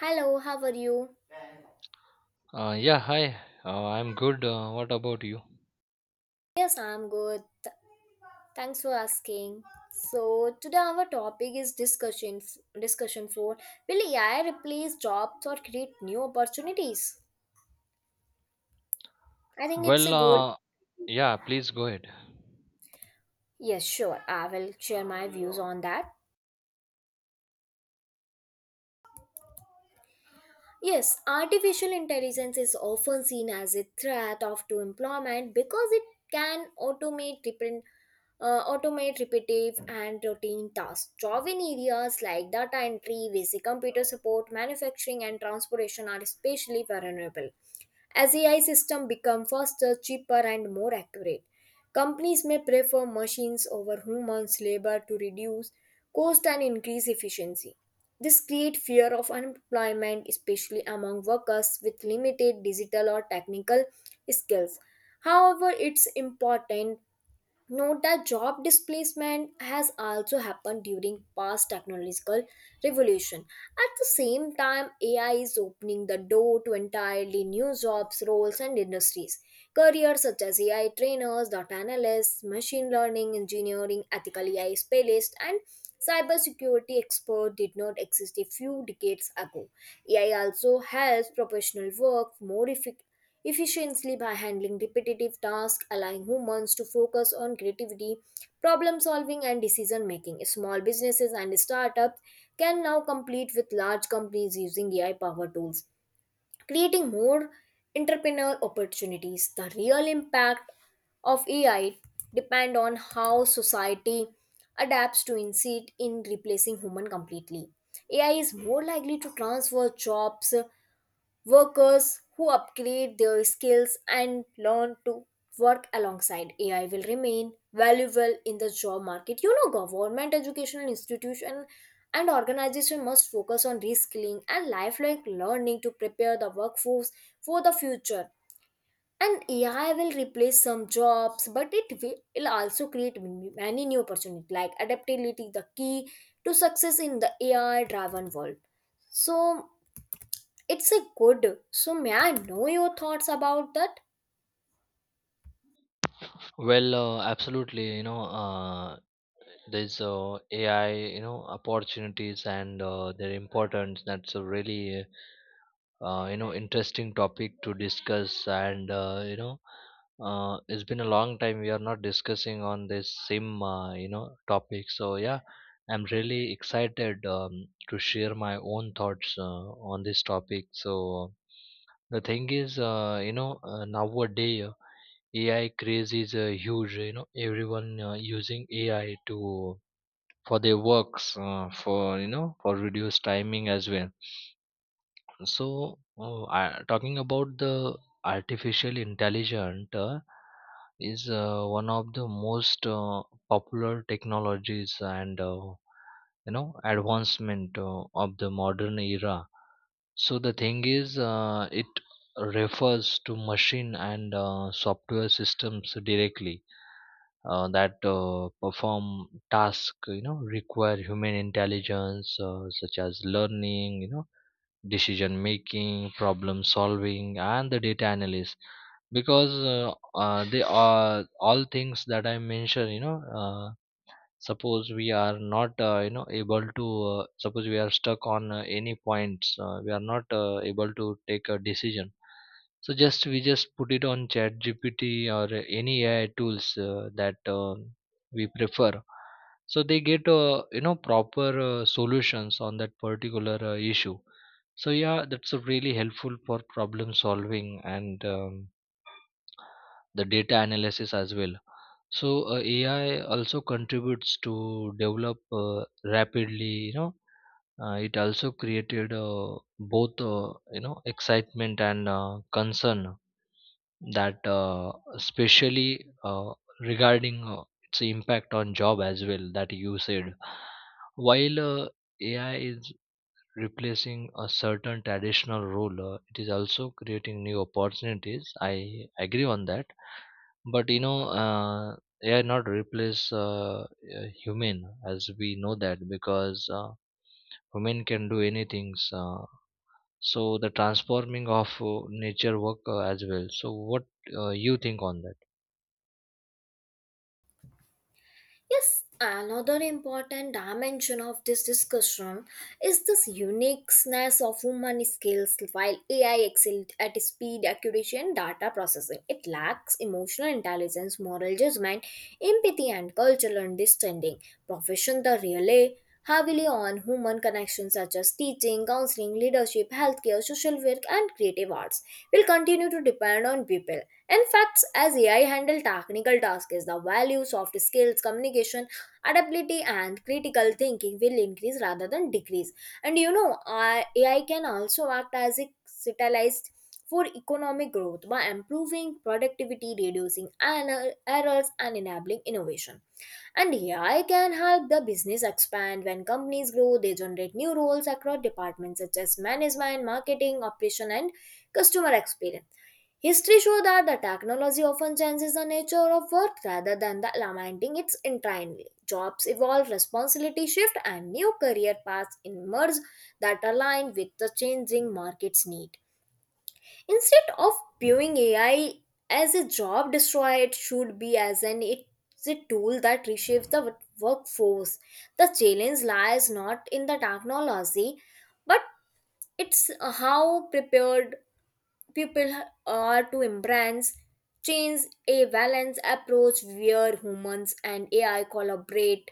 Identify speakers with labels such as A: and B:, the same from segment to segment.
A: Hello, how are you?
B: Yeah, hi. I'm good. What about you?
A: Yes, I'm good. Thanks for asking. So today our topic is discussion for will AI replace jobs or create new opportunities? I think it's a
B: Well,
A: good.
B: uh, yeah, please go ahead.
A: Yes, sure. I will share my views on that. Yes, artificial intelligence is often seen as a threat of to employment because it can automate different automate repetitive and routine tasks. Job in areas like data entry, basic computer support, manufacturing, and transportation are especially vulnerable. As AI systems become faster, cheaper, and more accurate, companies may prefer machines over humans' labor to reduce cost and increase efficiency. This creates fear of unemployment, especially among workers with limited digital or technical skills. However, it's important note that job displacement has also happened during past technological revolution. At the same time, AI is opening the door to entirely new jobs, roles, and industries. Careers such as AI trainers, data analysts, machine learning engineering, ethical AI specialists, and cybersecurity expert did not exist a few decades ago. AI also helps professional work more efficiently by handling repetitive tasks, allowing humans to focus on creativity, problem solving, and decision making. Small businesses and startups can now compete with large companies using AI powered tools, creating more entrepreneur opportunities. The real impact of AI depend on how society adapts to instead in replacing human completely. AI is more likely to transfer jobs. Workers who upgrade their skills and learn to work alongside AI will remain valuable in the job market. You know, government, educational institution, and organization must focus on reskilling and lifelong learning to prepare the workforce for the future. And AI will replace some jobs, but it will also create many new opportunities like adaptability, the key to success in the AI driven world. So it's a good. So, may I know your thoughts about that?
B: Absolutely. You know, there's AI, opportunities and their importance. That's a really interesting topic to discuss, and it's been a long time we are not discussing on this sim you know topic, so yeah, I'm really excited to share my own thoughts on this topic. So the thing is, nowadays, AI craze is huge, you know. Everyone using AI to, for their works, for, you know, for reduced timing as well. So, talking about the artificial intelligence, is one of the most popular technologies and advancement of the modern era. So the thing is, it refers to machine and software systems directly that perform tasks, you know, require human intelligence, such as learning, you know, decision making, problem solving, and the data analysis, because uh, they are all things that I mentioned, you know. Suppose we are not, able to, suppose we are stuck on any points, we are not able to take a decision, so just we just put it on chat GPT or any AI tools that we prefer, so they get, proper solutions on that particular issue. So yeah, that's really helpful for problem solving and, the data analysis as well. So, AI also contributes to develop rapidly. You know, it also created both, excitement and concern, that especially regarding its impact on job as well, that you said. While, uh, AI is replacing a certain traditional role, it is also creating new opportunities. I agree on that, but you know, AI not replace human, as we know that, because human can do anything. So the transforming of nature work as well. So what you think on that?
A: Yes, another important dimension of this discussion is this uniqueness of human skills. While AI excels at speed, accuracy, and data processing, it lacks emotional intelligence, moral judgment, empathy, and cultural understanding. Professions that rely heavily on human connections, such as teaching, counseling, leadership, healthcare, social work, and creative arts, will continue to depend on people. In fact, as AI handle technical tasks, the value, soft skills, communication, adaptability, and critical thinking will increase rather than decrease. And you know, AI can also act as a catalyst for economic growth by improving productivity, reducing errors, and enabling innovation. And AI can help the business expand. When companies grow, they generate new roles across departments such as management, marketing, operation, and customer experience. History shows that the technology often changes the nature of work rather than the lamenting its intrinsic. Jobs evolve, responsibility shift, and new career paths emerge that align with the changing market's need. Instead of viewing AI as a job destroyer, it should be as an it's a tool that reshapes the workforce. The challenge lies not in the technology, but it's how prepared people are to embrace change. A balanced approach where humans and AI collaborate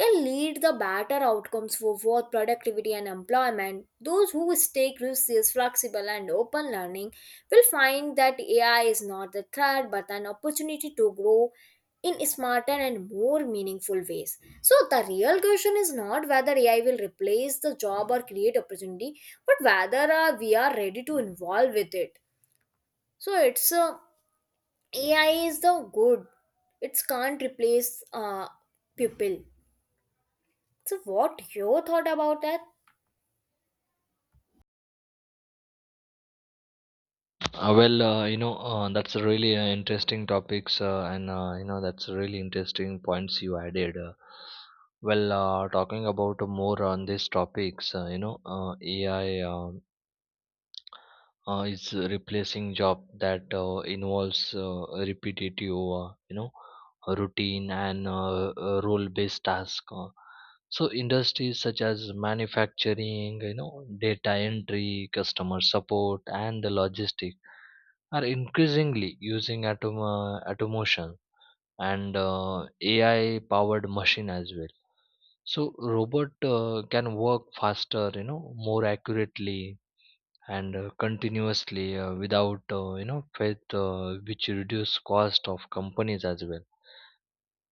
A: can lead the better outcomes for both productivity and employment. Those who stay curious, flexible, and open learning will find that AI is not a threat but an opportunity to grow in smarter and more meaningful ways. So the real question is not whether AI will replace the job or create opportunity, but whether we are ready to involve with it. So it's a AI is the good. It can't replace people. So what your thought about that?
B: You know, that's a really interesting topics, and, that's a really interesting points you added. Talking about more on these topics, AI. Is replacing job that involves repetitive, routine and role based task. So industries such as manufacturing, you know, data entry, customer support, and the logistic are increasingly using automation and AI powered machine as well. So robot can work faster, you know, more accurately and continuously without, faith, which reduce cost of companies as well.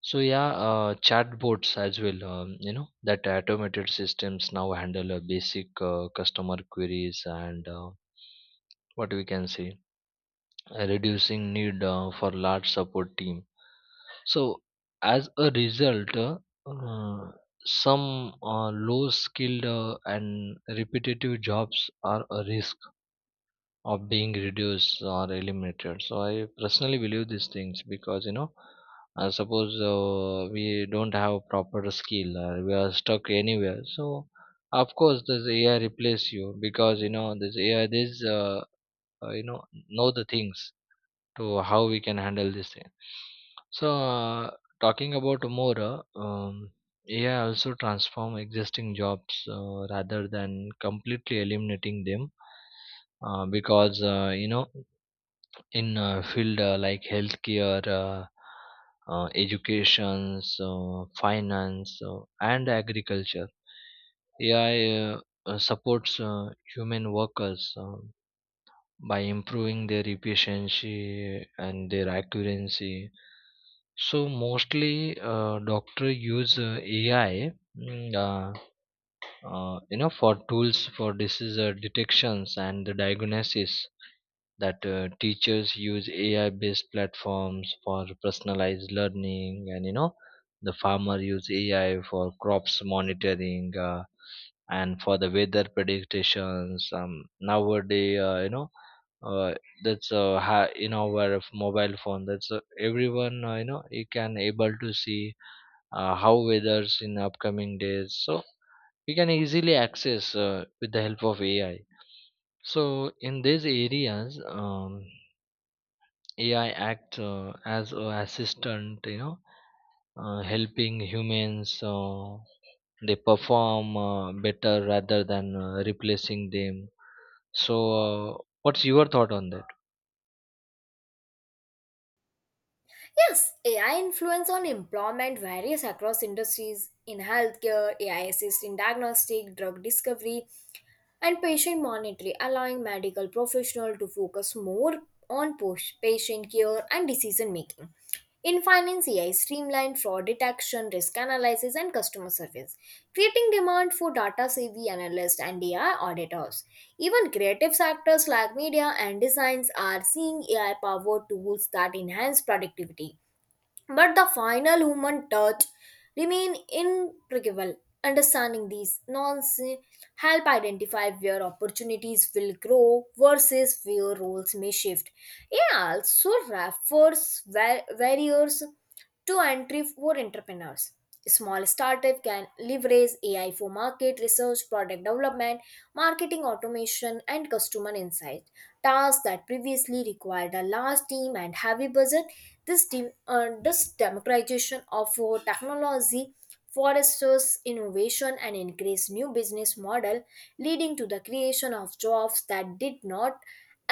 B: So yeah, chatbots as well, you know, that automated systems now handle basic customer queries and, what we can say, reducing need for large support team. So as a result, uh, some low skilled and repetitive jobs are a risk of being reduced or eliminated. So I personally believe these things, because you know, suppose we don't have proper skill, or we are stuck anywhere, so of course this AI replace you, because you know, this AI, this uh, you know know the things to how we can handle this thing. So, talking about more, AI also transform existing jobs rather than completely eliminating them, because, in field like healthcare, education, finance, and agriculture, AI supports human workers, by improving their efficiency and their accuracy. So mostly, doctor use AI, mm, uh, for tools for disease detections and the diagnosis. That teachers use AI-based platforms for personalized learning, and you know, the farmer use AI for crops monitoring. And for the weather predictions, nowadays, uh, that's in our mobile phone, that's everyone, you can able to see how weather's in upcoming days, so we can easily access with the help of AI. So in these areas, AI acts as a assistant, you know, helping humans they perform better rather than replacing them. So uh, what's your thought on that?
A: Yes, AI influence on employment varies across industries. In healthcare, AI assists in diagnostic drug discovery and patient monitoring, allowing medical professional to focus more on patient care and decision making. In finance, AI streamlined fraud detection, risk analysis, and customer service, creating demand for data savvy analysts and AI auditors. Even creative sectors like media and designs are seeing AI powered tools that enhance productivity, but the final human touch remain intricable. Understanding these nonsense help identify where opportunities will grow versus where roles may shift. It also refers barriers two entry for entrepreneurs. Small startup can leverage AI for market research, product development, marketing automation, and customer insight. Tasks that previously required a large team and heavy budget. This democratization of technology fosters innovation and encouraged new business model, leading to the creation of jobs that did not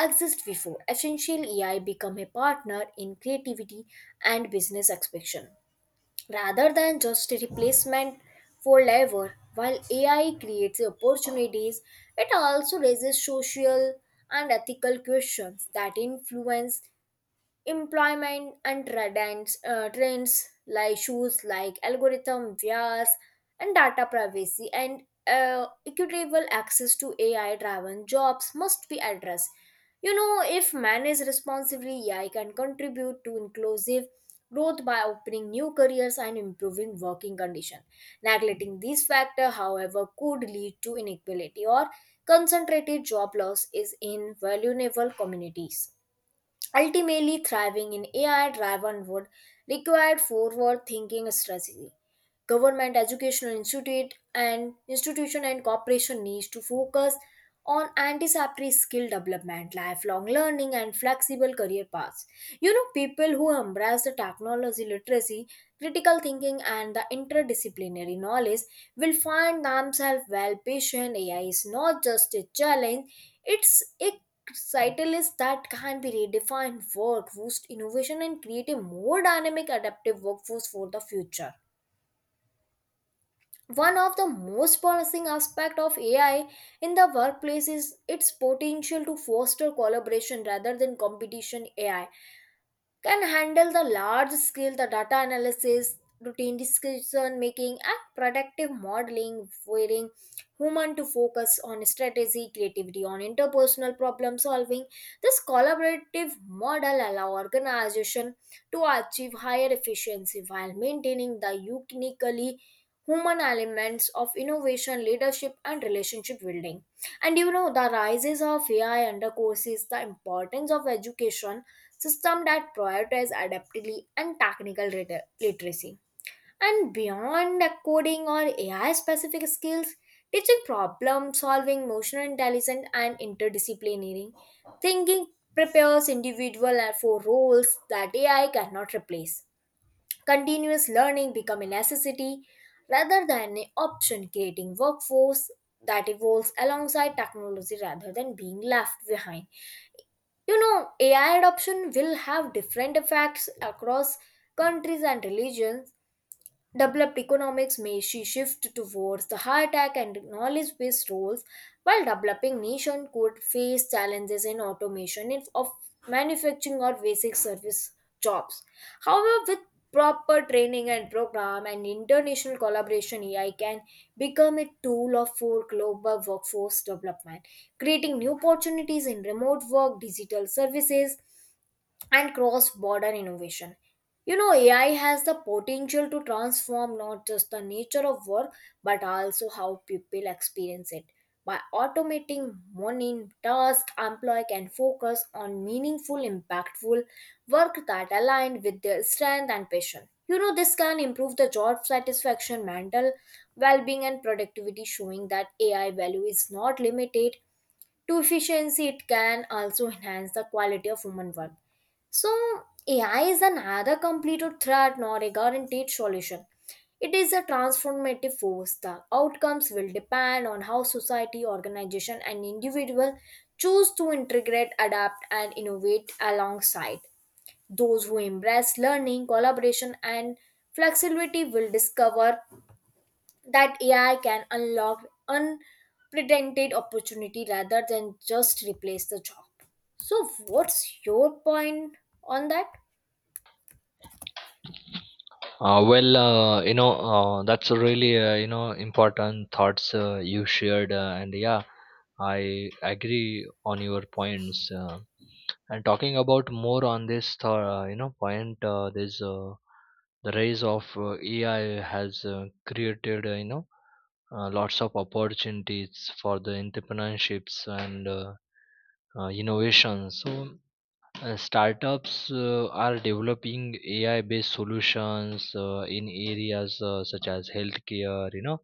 A: exist before. Essential AI become a partner in creativity and business expansion rather than just a replacement for labor. While AI creates opportunities, it also raises social and ethical questions that influence employment and trends like shoes like algorithm bias and data privacy and equitable access to AI driven jobs must be addressed. You know, if managed responsibly, AI can contribute to inclusive growth by opening new careers and improving working conditions. Neglecting these factors, however, could lead to inequality or concentrated job loss is in vulnerable communities. Ultimately, thriving in AI driven would require forward thinking strategy. Government, educational institute and institution, and cooperation needs to focus on anticipatory skill development, lifelong learning, and flexible career paths. You know, people who embrace the technology literacy, critical thinking, and the interdisciplinary knowledge will find themselves well patient. AI is not just a challenge, it's a catalyst that can be redefined work, boost innovation, and create a more dynamic adaptive workforce for the future. One of the most promising aspects of AI in the workplace is its potential to foster collaboration rather than competition. AI can handle the large scale the data analysis, routine decision making, and predictive modeling, requiring human to focus on strategy, creativity, on interpersonal problem solving. This collaborative model allow organization to achieve higher efficiency while maintaining the uniquely human elements of innovation, leadership, and relationship building. And you know, the rises of AI undercourses the importance of education system that prioritize adaptability and technical literacy. And beyond coding or AI specific skills, teaching problem solving, emotional intelligence, and interdisciplinary thinking prepares individual for roles that AI cannot replace. Continuous learning become a necessity rather than an option, creating workforce that evolves alongside technology rather than being left behind. You know, AI adoption will have different effects across countries and religions. Developed economics may she shift towards the high tech and knowledge based roles, while developing nations could face challenges in automation of manufacturing or basic service jobs. However, with proper training and program and international collaboration, AI can become a tool of for global workforce development, creating new opportunities in remote work, digital services, and cross border innovation. You know, AI has the potential to transform not just the nature of work but also how people experience it. By automating mundane tasks, employee can focus on meaningful, impactful work that aligned with their strength and passion. You know, this can improve the job satisfaction, mental well being, and productivity, showing that AI value is not limited to efficiency. It can also enhance the quality of human work. So AI is another complete threat, not a guaranteed solution. It is a transformative force. The outcomes will depend on how society, organization, and individual choose to integrate, adapt, and innovate alongside. Those who embrace learning, collaboration, and flexibility will discover that AI can unlock unprecedented opportunity rather than just replace the job. So, what's your point on that?
B: That's a really important thoughts you shared, and yeah, I agree on your points. And talking about more on this, point, the rise of AI has created, lots of opportunities for the entrepreneurships and innovation. So startups are developing AI based solutions in areas such as healthcare, you know,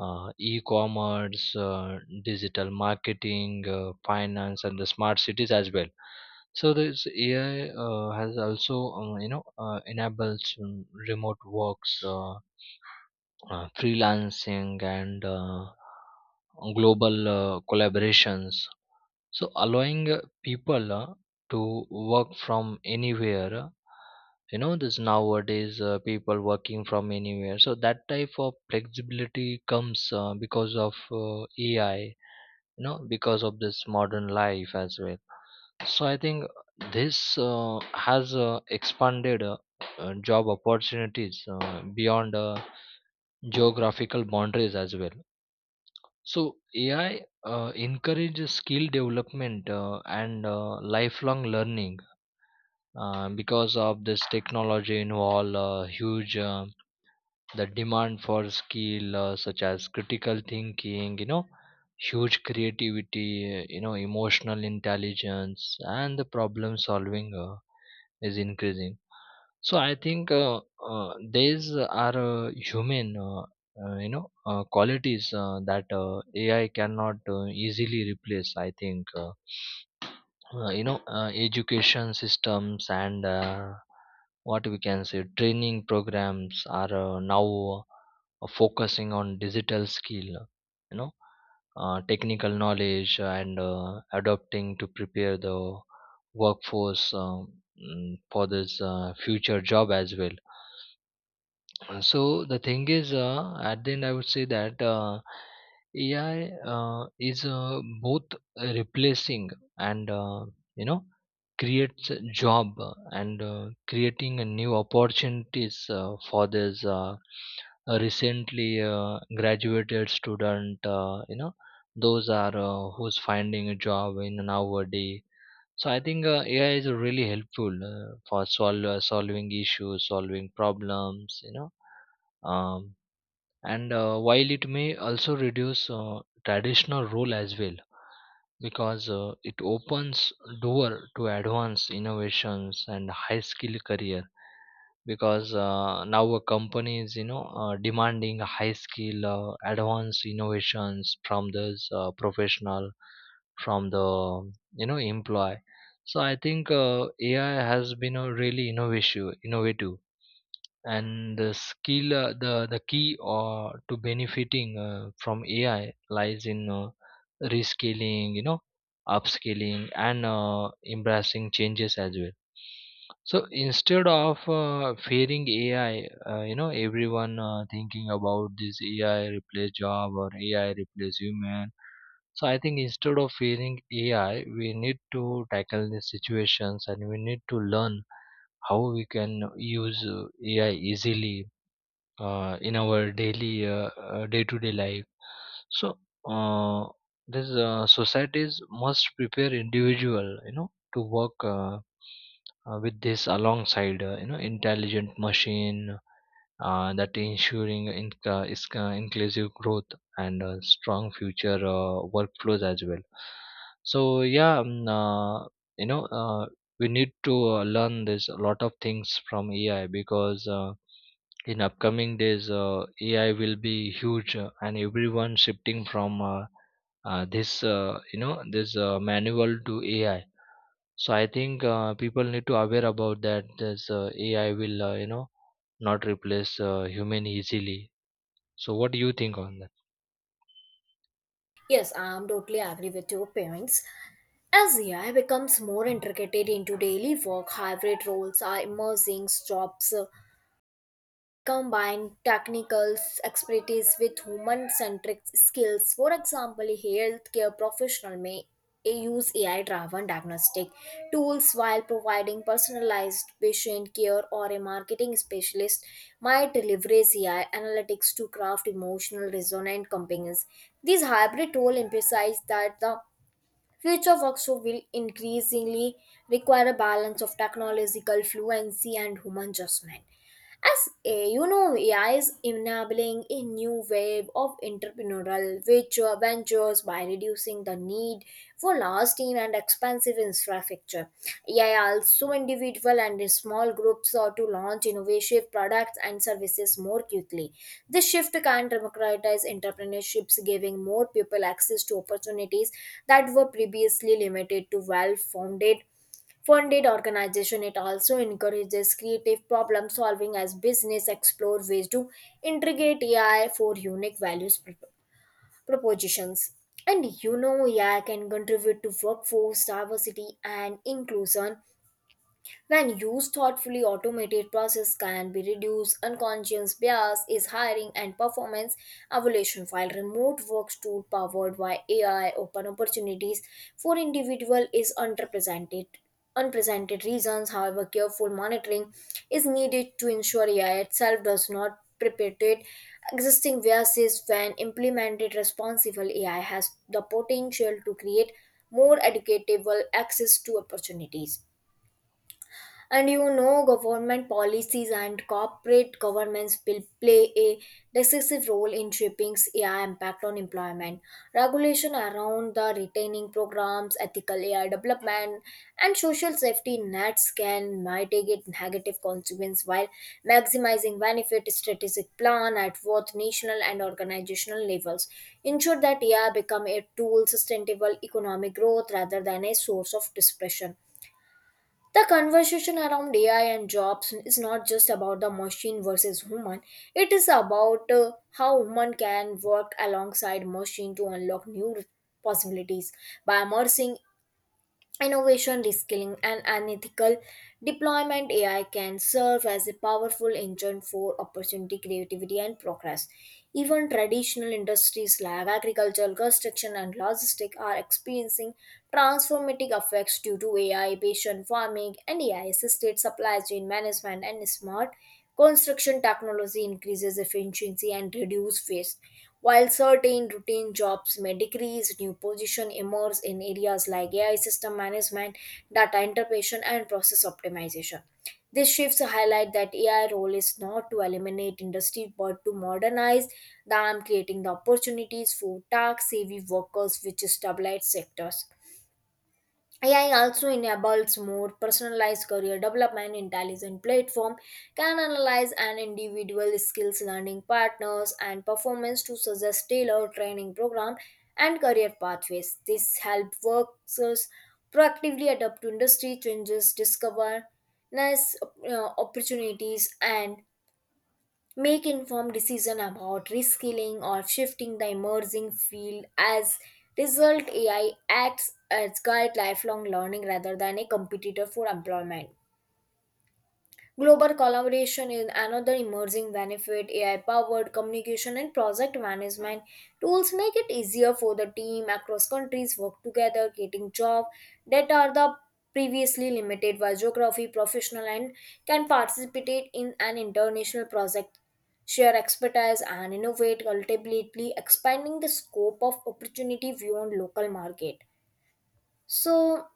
B: uh, e commerce, digital marketing, finance, and the smart cities as well. So, this AI has also, enables, remote works, freelancing, and global collaborations, so allowing people to work from anywhere, this nowadays people working from anywhere. So that type of flexibility comes because of AI, you know, because of this modern life as well. So I think this has expanded job opportunities beyond geographical boundaries as well. So AI encourages skill development and lifelong learning, because of this technology involve huge, the demand for skill such as critical thinking, you know, huge creativity, emotional intelligence, and the problem solving is increasing. So I think these are human, qualities that AI cannot easily replace, I think. Education systems and, what we can say, training programs are now focusing on digital skill, you know, technical knowledge and adopting to prepare the workforce, for this future job as well. So the thing is, at the end, I would say that AI is both replacing and, you know creates a job, and creating a new opportunities for this recently graduated student. You know, those are who's finding a job in nowadays. So I think AI is really helpful for solving issues, solving problems, you know. um, and while it may also reduce traditional role as well, because it opens door to advanced innovations and high skill career, because now a company is, you know, demanding high skill advanced innovations from this professional, from the, you know, employee. So I think AI has been a really, innovative and the skill. The key to benefiting from AI lies in rescaling, you know, upscaling and embracing changes as well. So instead of fearing AI, everyone thinking about this AI replace job or AI replace human, so I think instead of fearing AI we need to tackle these situations, and we need to learn how we can use AI easily in our daily, day-to-day life. So uh, this societies must prepare individual, you know, to work with this alongside, intelligent machine, that ensuring inclusive growth and strong future workflows as well. So yeah, you know, uh, we need to learn this a lot of things from AI, because in upcoming days, AI will be huge, and everyone shifting from, this manual to AI. So I think people need to aware about that. This AI will, not replace human easily. So what do you think on that?
A: Yes, I'm totally agree with your points. As AI becomes more integrated into daily work, hybrid roles are emerging jobs combine technical expertise with human-centric skills. For example, a healthcare professional may use AI-driven diagnostic tools while providing personalized patient care, or a marketing specialist might leverage AI analytics to craft emotional resonant campaigns. This hybrid role emphasizes that the future work so will increasingly require a balance of technological fluency and human judgment. As a, you know, AI is enabling a new wave of entrepreneurial ventures by reducing the need for large team and expensive infrastructure. AI also individual and in small groups or to launch innovative products and services more quickly. This shift can democratize entrepreneurships, giving more people access to opportunities that were previously limited to well founded funded organization. It also encourages creative problem solving as business explore ways to integrate AI for unique values propositions. And you know, AI can contribute to workforce diversity and inclusion. When used thoughtfully, automated process can be reduced unconscious bias is hiring and performance evaluation, while remote work tool powered by AI open opportunities for individual is underrepresented unprecedented reasons. However, careful monitoring is needed to ensure AI itself does not perpetuate existing biases. When implemented responsibly, AI has the potential to create more educatable access to opportunities, and government policies and corporate governments will play a decisive role in shaping AI impact on employment. Regulation around the retaining programs, ethical AI development, and social safety nets can mitigate negative consequences while maximizing benefit. Strategic plan at both national and organizational levels ensure that AI become a tool sustainable economic growth rather than a source of dispersion. The conversation around AI and jobs is not just about the machine versus human. It is about how human can work alongside machine to unlock new possibilities. By immersing innovation, reskilling, and unethical deployment, AI can serve as a powerful engine for opportunity, creativity, and progress. Even traditional industries like agriculture, construction, and logistics are experiencing transformative effects due to AI, patient farming, and AI assisted supply chain management and smart construction technology increases efficiency and reduces waste, while certain routine jobs may decrease. New positions emerge in areas like AI system management, data interpretation, and process optimization. These shifts highlight that AI role is not to eliminate industry but to modernize them, creating the opportunities for tax savvy workers which stabilize sectors. AI also enables more personalized career development. Intelligent platform can analyze an individual skills, learning partners, and performance to suggest tailored training program and career pathways. This helps workers proactively adapt to industry changes, discover nice opportunities, and make informed decision about reskilling or shifting the emerging field. As result, AI acts as guide lifelong learning rather than a competitor for employment. Global collaboration is another emerging benefit. AI powered communication and project management tools make it easier for the team across countries work together, getting job that are the previously limited by geography, professional, and can participate in an international project, share expertise, and innovate, ultimately expanding the scope of opportunity beyond local market. So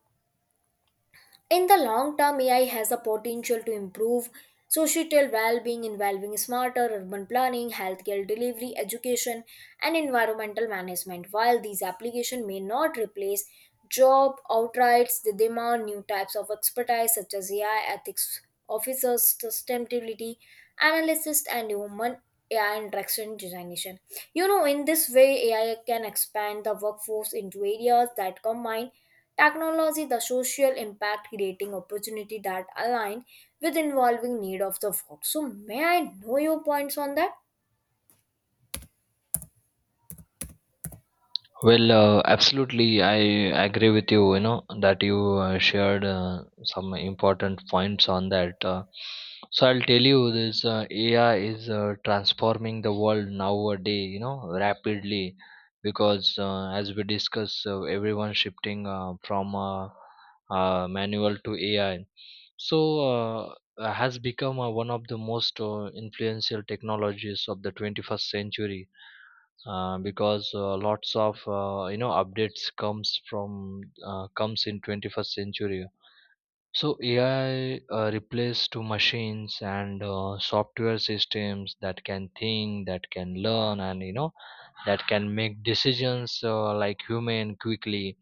A: in the long term, AI has the potential to improve societal well being, involving smarter urban planning, healthcare delivery, education, and environmental management. While these applications may not replace job outright, they demand new types of expertise such as AI ethics officers, sustainability analysis, and human AI interaction designation. In this way, AI can expand the workforce into areas that combine technology, the social impact creating opportunity that align with involving need of the work. So may I know your points on that?
B: Absolutely, I agree with you. You know that you shared some important points on that. So I'll tell you this: AI is transforming the world nowadays, you know, rapidly, because as we discuss, everyone shifting from manual to AI. So has become one of the most influential technologies of the 21st century, because lots of, updates comes in 21st century. So AI replace to machines and software systems that can think, that can learn, and, you know, that can make decisions like human quickly.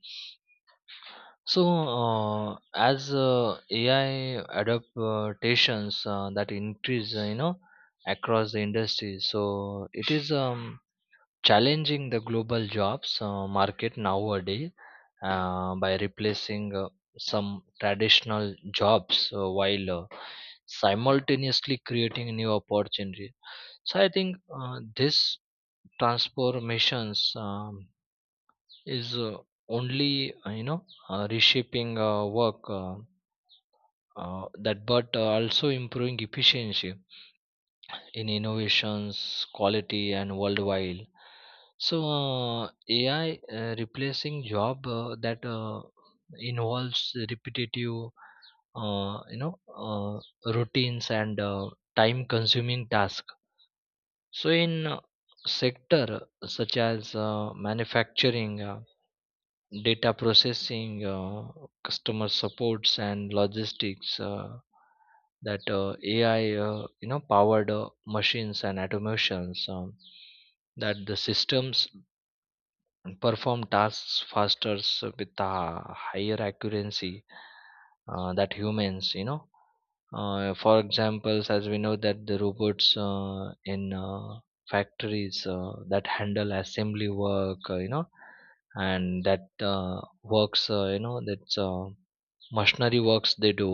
B: So as AI adaptations that increase, across the industry, so it is, challenging the global jobs market nowadays, by replacing some traditional jobs while simultaneously creating new opportunities. So I think this transformations, is only, reshaping work, that, but also improving efficiency in innovations, quality, and worldwide. So AI replacing job that involves repetitive, uh, you know, routines and time-consuming tasks. So in sector such as manufacturing, data processing, customer supports, and logistics. That AI, powered machines and automations, that the systems perform tasks faster with a higher accuracy that humans, you know, for examples, as we know that the robots in factories that handle assembly work, you know, and that works, that's machinery works they do,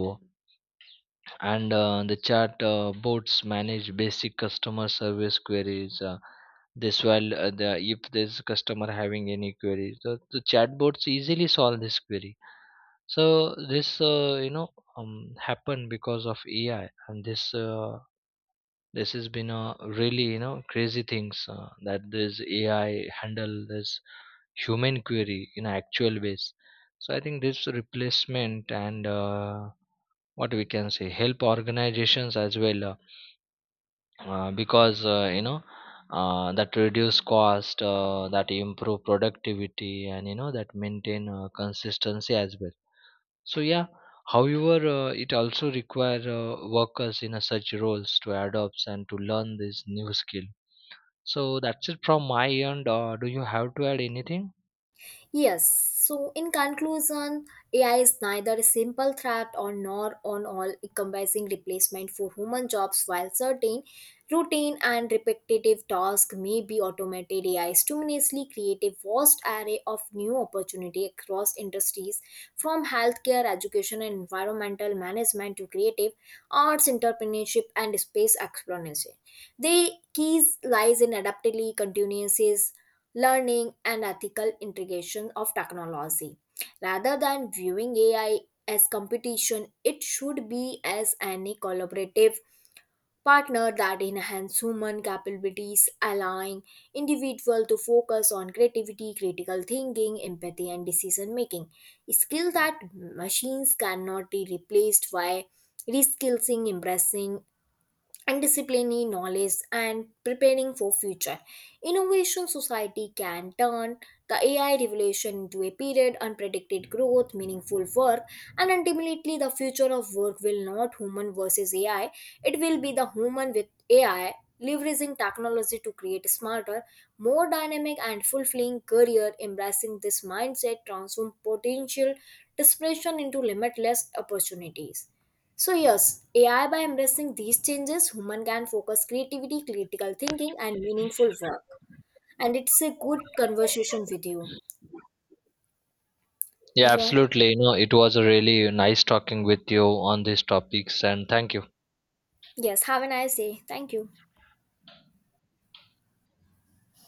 B: and the chat bots manage basic customer service queries, this while the if this customer having any query, the chatbots easily solve this query. So this, happened because of AI, and this this has been a really, you know, crazy things that this AI handle this human query in actual ways. So I think this replacement and, what we can say, help organizations as well, because, that reduce cost, that improve productivity, and you know, that maintain consistency as well. So yeah, however, it also require workers in a such roles to adopt and to learn this new skill. So that's it from my end. Do you have to add anything?
A: Yes, so in conclusion, AI is neither a simple threat or nor on all encompassing replacement for human jobs. While certain routine and repetitive tasks may be automated, AI stimulatively create a vast array of new opportunity across industries, from healthcare, education, and environmental management to creative arts, entrepreneurship, and space exploration. The keys lies in adaptability, continuances, learning, and ethical integration of technology. Rather than viewing AI as competition, it should be as any collaborative partner that enhance human capabilities, allowing individual to focus on creativity, critical thinking, empathy, and decision making. Skill that machines cannot be replaced by reskilling, embracing and disciplining knowledge and preparing for future innovation society can turn the AI revolution into a period unpredicted growth meaningful work, and ultimately the future of work will not human versus AI, it will be the human with AI, leveraging technology to create smarter, more dynamic, and fulfilling career. Embracing this mindset transform potential desperation into limitless opportunities. So, yes, AI, by embracing these changes, human can focus creativity, critical thinking, and meaningful work. And it's a good conversation with you,
B: Yeah,
A: Yvonne.
B: absolutely, you know, it was a really nice talking with you on these topics, and thank you.
A: Yes, have a nice day. Thank you.